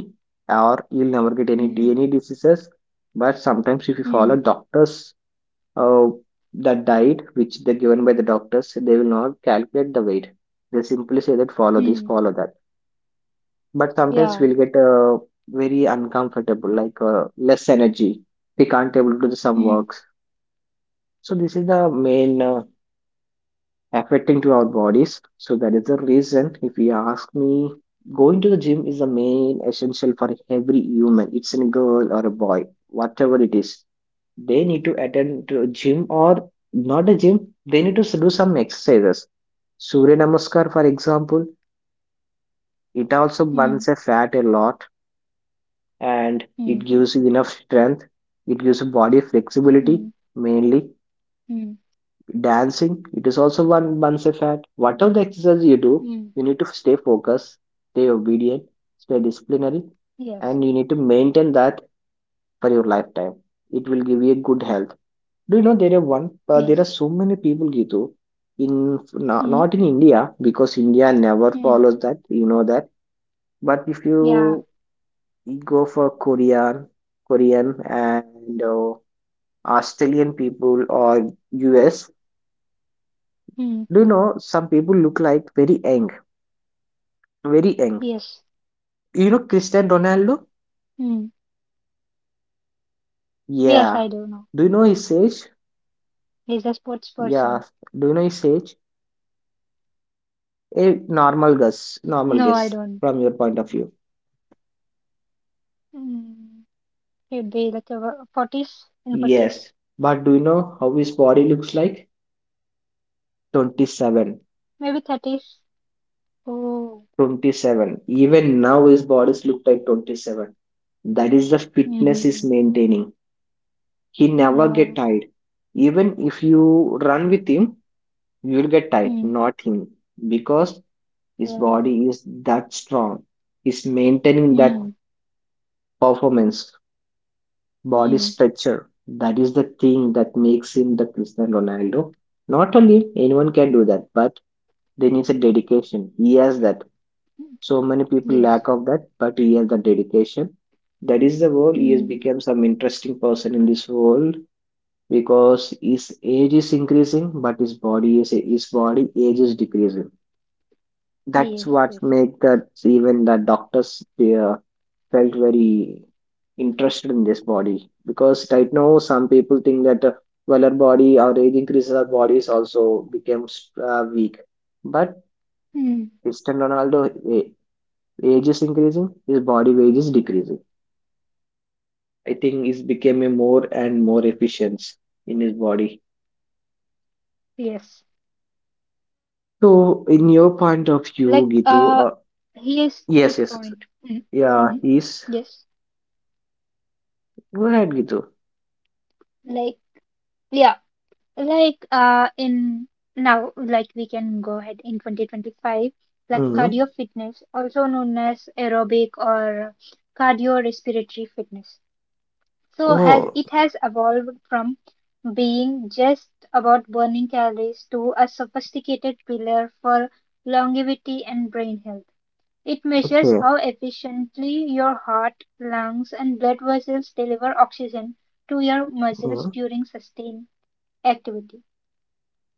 or you'll never get
Mm,
any diseases. But sometimes if you
mm.
follow doctors uh, the diet which they're given by the doctors, they will not calculate the weight. They simply say that follow this,
Mm.
follow that. But
Yeah.
sometimes we'll get very uncomfortable, like less energy, we can't able to do some
Mm,
works. So this is the main affecting to our bodies. So that is the reason. If you ask me, going to the gym is the main essential for every human. It's a girl or a boy, whatever it is. They need to attend to a gym or not a gym. They need to do some exercises. Surya Namaskar, for example,
mm,
it also burns a fat a lot
mm,
and it gives you enough strength. It gives body
mm,
flexibility, mainly
mm,
dancing, it is also one once a fad. Whatever the exercise you do,
mm.
you need to stay focused, stay obedient, stay disciplinary,
Yes.
and you need to maintain that for your lifetime. It will give you a good health. Do you know, there are one there
Yes.
are so many people, Gitu, in
Mm,
not in India, because India never
mm.
follows that, you know that. But if you
Yeah.
go for korean, korean and australian people or US.
Mm.
Do you know some people look like very young, very young?
Yes.
You know
Mm.
Cristiano Ronaldo?
Yes, I do know.
Yeah. Do you know his age?
He's a sports person.
Yeah. Do you know his age? A
No, I don't.
normal guess from your point of view.
Mm. He'd be like a forties in 40s,
Yes. But do you know how his body looks like?
maybe
27.
30s. Oh.
27. Even now his bodies look like 27. That is the fitness
Mm-hmm.
he's maintaining. He never
Uh,
get tired. Even if you run with him, you'll get tired,
mm.
not him. Because his
Yeah.
body is that strong. He's maintaining that
Mm.
performance, body
Mm.
structure. That is the thing that makes him the Cristiano Ronaldo. Not only anyone can do that, but they needs a dedication. He has that. So many people lack
Yes.
of that, but he has the dedication. That is the world. He has
Mm.
become some interesting person in this world because his age is increasing, but his body is his body age is decreasing. That's
Yes.
what
Yes.
make that. Even the doctors felt very interested in this body, because right now some people think that well, our body, our age increases, our bodies also becomes weak. But
Mm.
Cristiano Ronaldo a- age is increasing, his body weight is decreasing. I think he's became a more and more efficient in his body.
Yes. Like
So in your point of view,
here's the
Gitu, uh,
point. Mm,
yes,
mm,
yes, yes.
yes.
Yeah, he's go ahead Gitu.
Like, yeah, like, in now, like, we can go ahead in 2025, like cardio
Mm-hmm.
fitness, also known as aerobic or cardiorespiratory fitness. So has
Oh
it has evolved from being just about burning calories to a sophisticated pillar for longevity and brain health. It measures
okay.
how efficiently your heart, lungs, and blood vessels deliver oxygen to your muscles
Mm-hmm.
during sustained activity.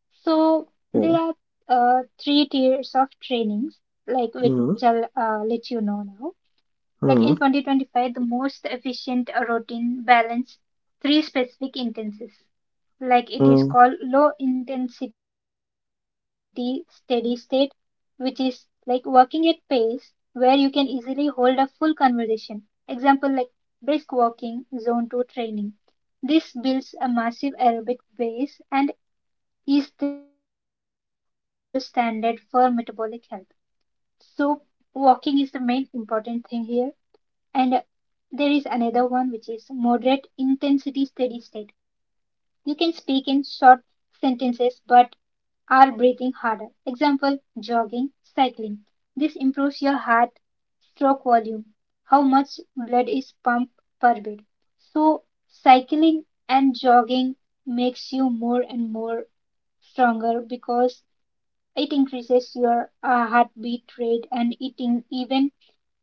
So there
Okay.
are three tiers of trainings, like which
Mm-hmm.
I'll let you know now. Like in 2025, the most efficient routine balance three specific intensities like it is
Mm-hmm.
called low intensity steady state, which is like working at pace where you can easily hold a full conversation. Example, like brisk walking, zone 2 training. This builds a massive aerobic base and is the gold standard for metabolic health. So walking is the main important thing here. And there is another one which is moderate intensity steady state. You can speak in short sentences but are breathing harder. Example, jogging, cycling. This improves your heart stroke volume, how much blood is pumped per beat. So cycling and jogging makes you more and more stronger because it increases your heartbeat rate and it even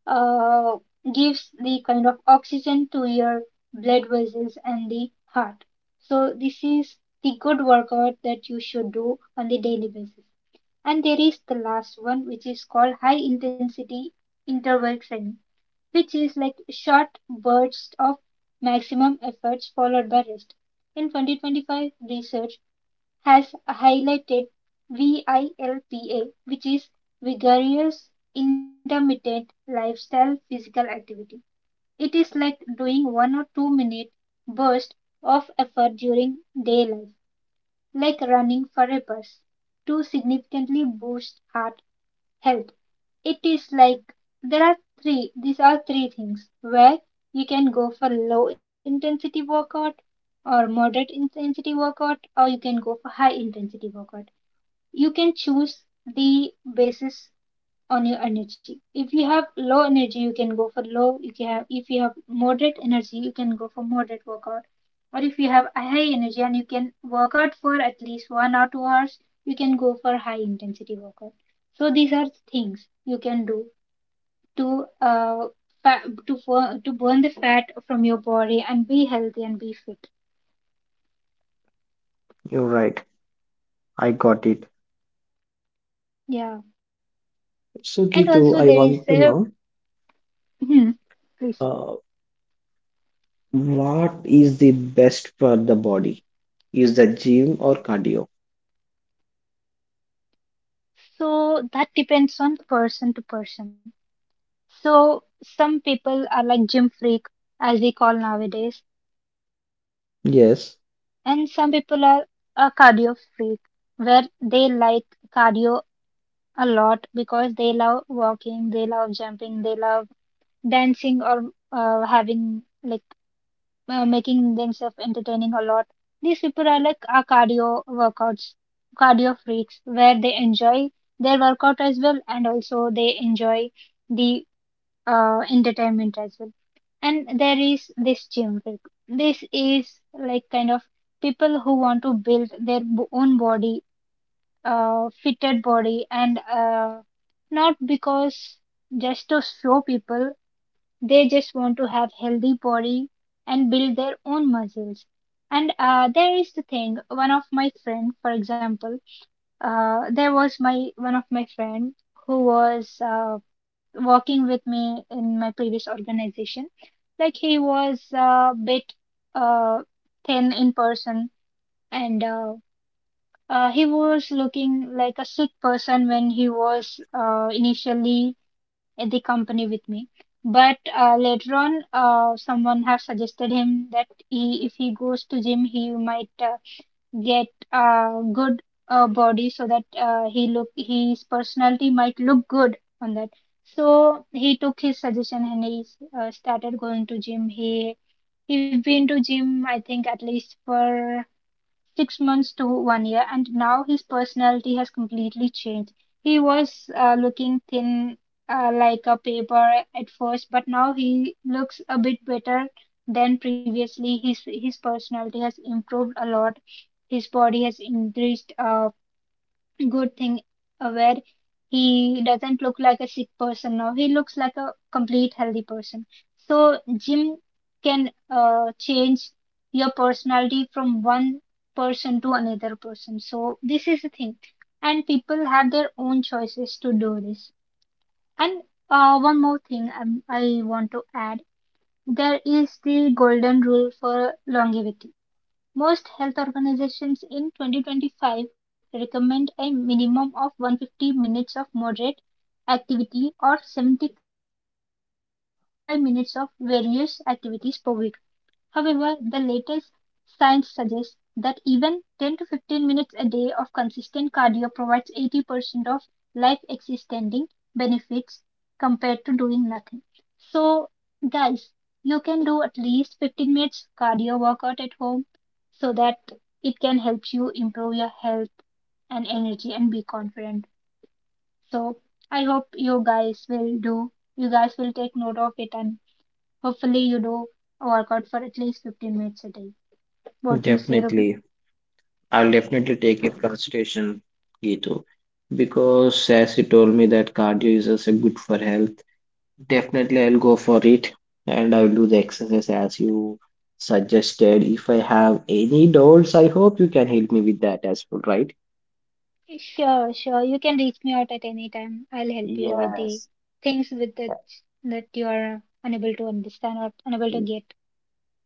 uh, gives the kind of oxygen to your blood vessels and the heart. So this is the good workout that you should do on the daily basis. And there is the last one which is called high intensity interval training, which is like short bursts of maximum efforts followed by rest. In 2025 research, has highlighted VILPA, which is vigorous intermittent lifestyle physical activity. It is like doing 1 or 2 minute burst of effort during day life, like running for a bus, to significantly boost heart health. It is like there are three, these are three things where you can go for low intensity workout or moderate intensity workout, or you can go for high intensity workout. You can choose the basis on your energy. If you have low energy, you can go for low. If you have moderate energy, you can go for moderate workout. Or if you have a high energy and you can work out for at least 1 or 2 hours, you can go for high intensity workout. So these are things you can do to fat, to to burn the fat from your body and be healthy and be fit.
You're right. I got it.
Yeah,
So,
and
Gitu,
also
I
there is
want to
a
know
hmm, please.
uh, what is the best for the body? Is the gym or cardio?
So that depends on person to person. So some people are like gym freak, as we call nowadays, and some people are
Yes,
a cardio freak, where they like cardio a lot because they love walking, they love jumping, they love dancing, or having like making themselves entertaining a lot. These people are like our cardio workouts, cardio freaks, where they enjoy their workout as well, and also they enjoy the entertainment as well. And there is this gym freak. This is like kind of people who want to build their own body, fitted body, and not because just to show people, they just want to have healthy body and build their own muscles. And there is the thing. One of my friend, for example, there was my one of my friend who was working with me in my previous organization. Like, he was a bit uh, thin in person, and he was looking like a sick person when he was initially at the company with me. But later on, someone has suggested him that he, if he goes to gym, he might get a good body so that he look, his personality might look good on that. So he took his suggestion and he started going to gym. He's been to gym I think at least for 6 months to one year, and now his personality has completely changed. He was looking thin like a paper at first, but now he looks a bit better than previously. His personality has improved a lot. His body has increased good thing where he doesn't look like a sick person now. He looks like a complete healthy person. So gym can change your personality from one person to another person. So this is the thing, and people have their own choices to do this. And one more thing I want to add: there is the golden rule for longevity. Most health organizations in 2025 recommend a minimum of 150 minutes of moderate activity or 75 minutes of various activities per week. However, the latest science suggests that even 10 to 15 minutes a day of consistent cardio provides 80% of life extending benefits compared to doing nothing. So, guys, you can do at least 15 minutes cardio workout at home so that it can help you improve your health and energy and be confident. So I hope you guys will do. You guys will take note of it and hopefully you do a workout for at least 15 minutes a day. What do you say, Ruby?
definitely. I'll definitely take it consideration, Gitu, because as you told me that cardio is also good for health. Definitely, I'll go for it and I'll do the exercise as you suggested. If I have any doubts, I hope you can help me with that as well, right?
Sure, sure. You can reach me out at any time. I'll help you with the
Yes.
things with that you are unable to understand or unable to get.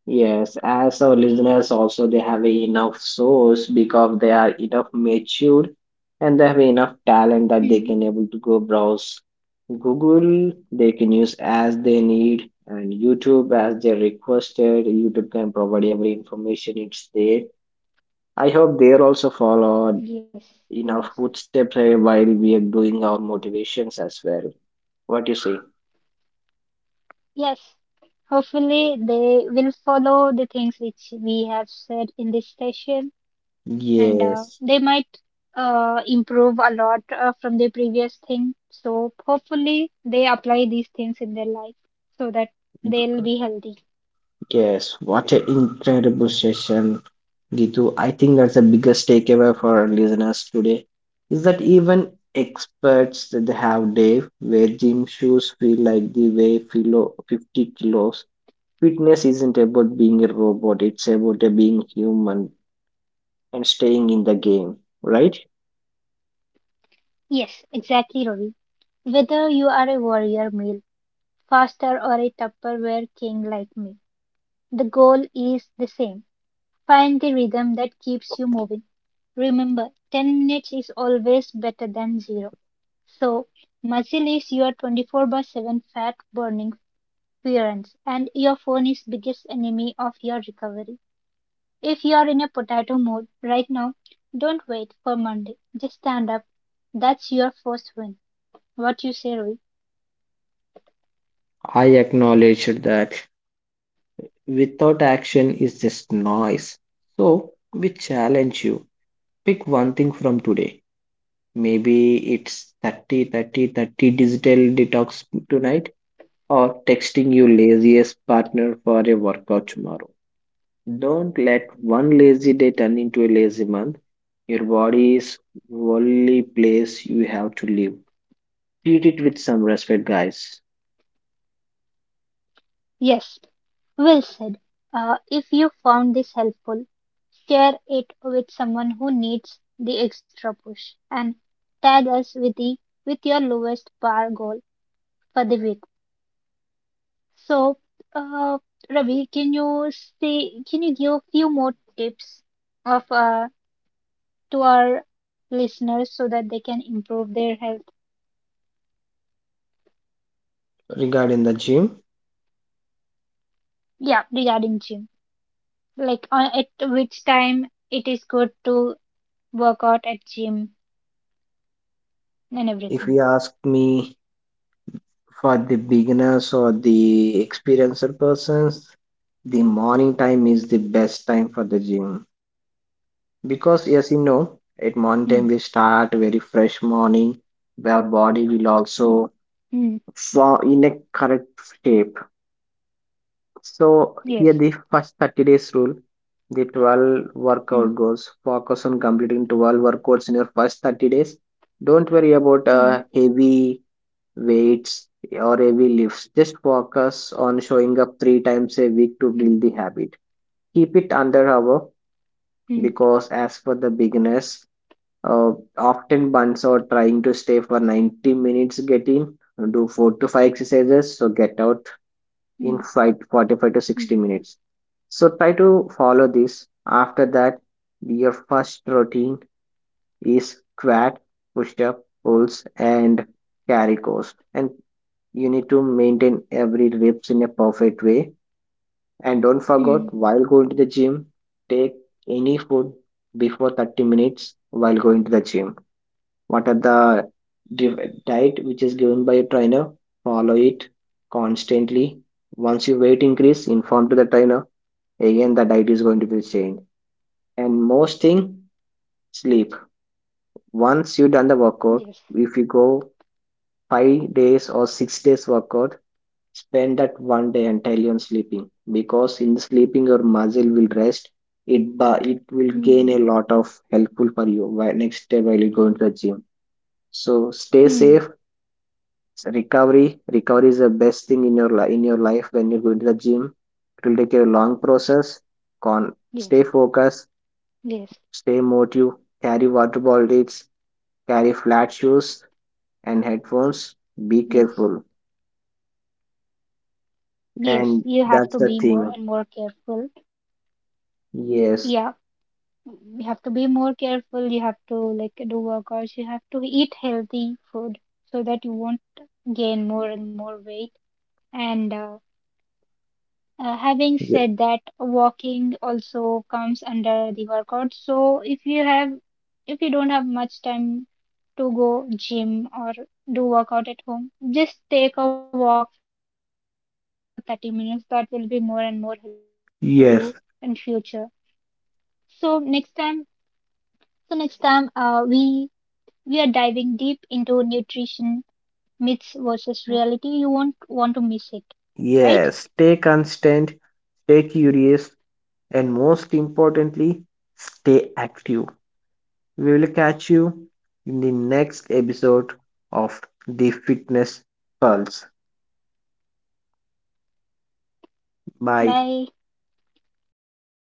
Yes, as our listeners also, they have enough source because they are enough matured and they have enough talent that they
Hmm.
can able to go browse Google, they can use as they need, and YouTube as they requested. YouTube can provide every information, it's there. I hope they
Yes,
also
yes,
follow enough footsteps while we are doing our motivations as well. What do you say?
yes. Hopefully, they will follow the things which we have said in this session, and
Yes.
they might improve a lot from the previous thing. So, hopefully, they apply these things in their life so that they'll be healthy.
Yes, what an incredible session, Gitu. I think that's the biggest takeaway for our listeners today is that even experts that they have day where gym shoes feel like they weigh philo 50 kilos. Fitness isn't about being a robot, it's about being human and staying in the game, right?
Yes, exactly, Ravi. Whether you are a warrior meal, faster, or a Tupperware king like me, the goal is the same. Find the rhythm that keeps you moving. Remember, 10 minutes is always better than zero. So, muscle is your 24 by 7 fat burning parents, and your phone is biggest enemy of your recovery. If you are in a potato mood right now, don't wait for Monday. Just stand up. That's your first win. What you say, Roy?
I acknowledge that without action is just noise. So we challenge you. Pick one thing from today. Maybe it's 30, 30, 30 digital detox tonight, or texting your laziest partner for a workout tomorrow. Don't let one lazy day turn into a lazy month. Your body is only place you have to live. Treat it with some respect, guys.
Yes, well said. If you found this helpful, share it with someone who needs the extra push and tag us with the with your lowest bar goal for the week. So uh, Ravi, can you say, can you give a few more tips of to our listeners so that they can improve their health?
Regarding the gym,
Yeah, regarding gym, like at which time it is good to work out at gym and
if you
everything.
ask me, for the beginners or the experienced persons, the morning time is the best time for the gym. Because
Hmm.
yes, you know, at mountain we start very fresh morning. Our body will
Mm,
also fall in a correct shape.
yes.
So here the first 30 days rule, the 12
Hmm.
workout goals. Focus on completing 12 workouts in your first 30 days. Don't worry about
Hmm.
heavy weights or heavy lifts. Just focus on showing
Hmm.
up three times a week to build the habit. Keep it under
Hmm.
hour, because as for the beginners, Uh, often bunts or trying to stay for 90 minutes, get in, do four to five exercises, so
Hmm.
get out in
Mm.
five, 45 to 60 minutes. So try to follow this. After that, your first routine is squat, push up, pulls, and carry course. And you need to maintain every reps in a perfect way. And don't
Mm,
forget, while going to the gym, take any food before 30 minutes. While going to the gym, what are the diet which is given by a trainer, follow it constantly. Once your weight increase, inform to the trainer, again the diet is going to be changed. And most thing, sleep. Once you done the workout,
yes.
if you go 5 days or 6 days workout, spend that 1 day entirely on sleeping, because in sleeping your muscle will rest, it will gain
Mm,
a lot, of helpful for you next day while you go into the gym. So stay
mm,
safe. So recovery is the best thing in your life, in your life. When you go to the gym, it will take a long
yes.
process. Con stay
Yes.
focused, stay motive, carry water bottles, carry flat shoes and headphones, be
Yes.
careful,
Yes.
and
You have to
that's
be
the
more
thing.
and more careful. Yeah.
Yes.
You have to be more careful. You have to like do workouts. You have to eat healthy food so that you won't gain more and more weight. And having
Ye-
said that, walking also comes under the workout. So if you have, if you don't have much time to go gym or do workout at home, just take a walk for 30 minutes. That will be more and more helpful for you in future.
yes,
So next time, so next time, we are diving deep into nutrition myths versus reality. You won't want to miss it, right?
yes, stay constant, stay curious, and most importantly, stay active. We'll catch you in the next episode of The Fitness Pulse.
Bye.
Bye.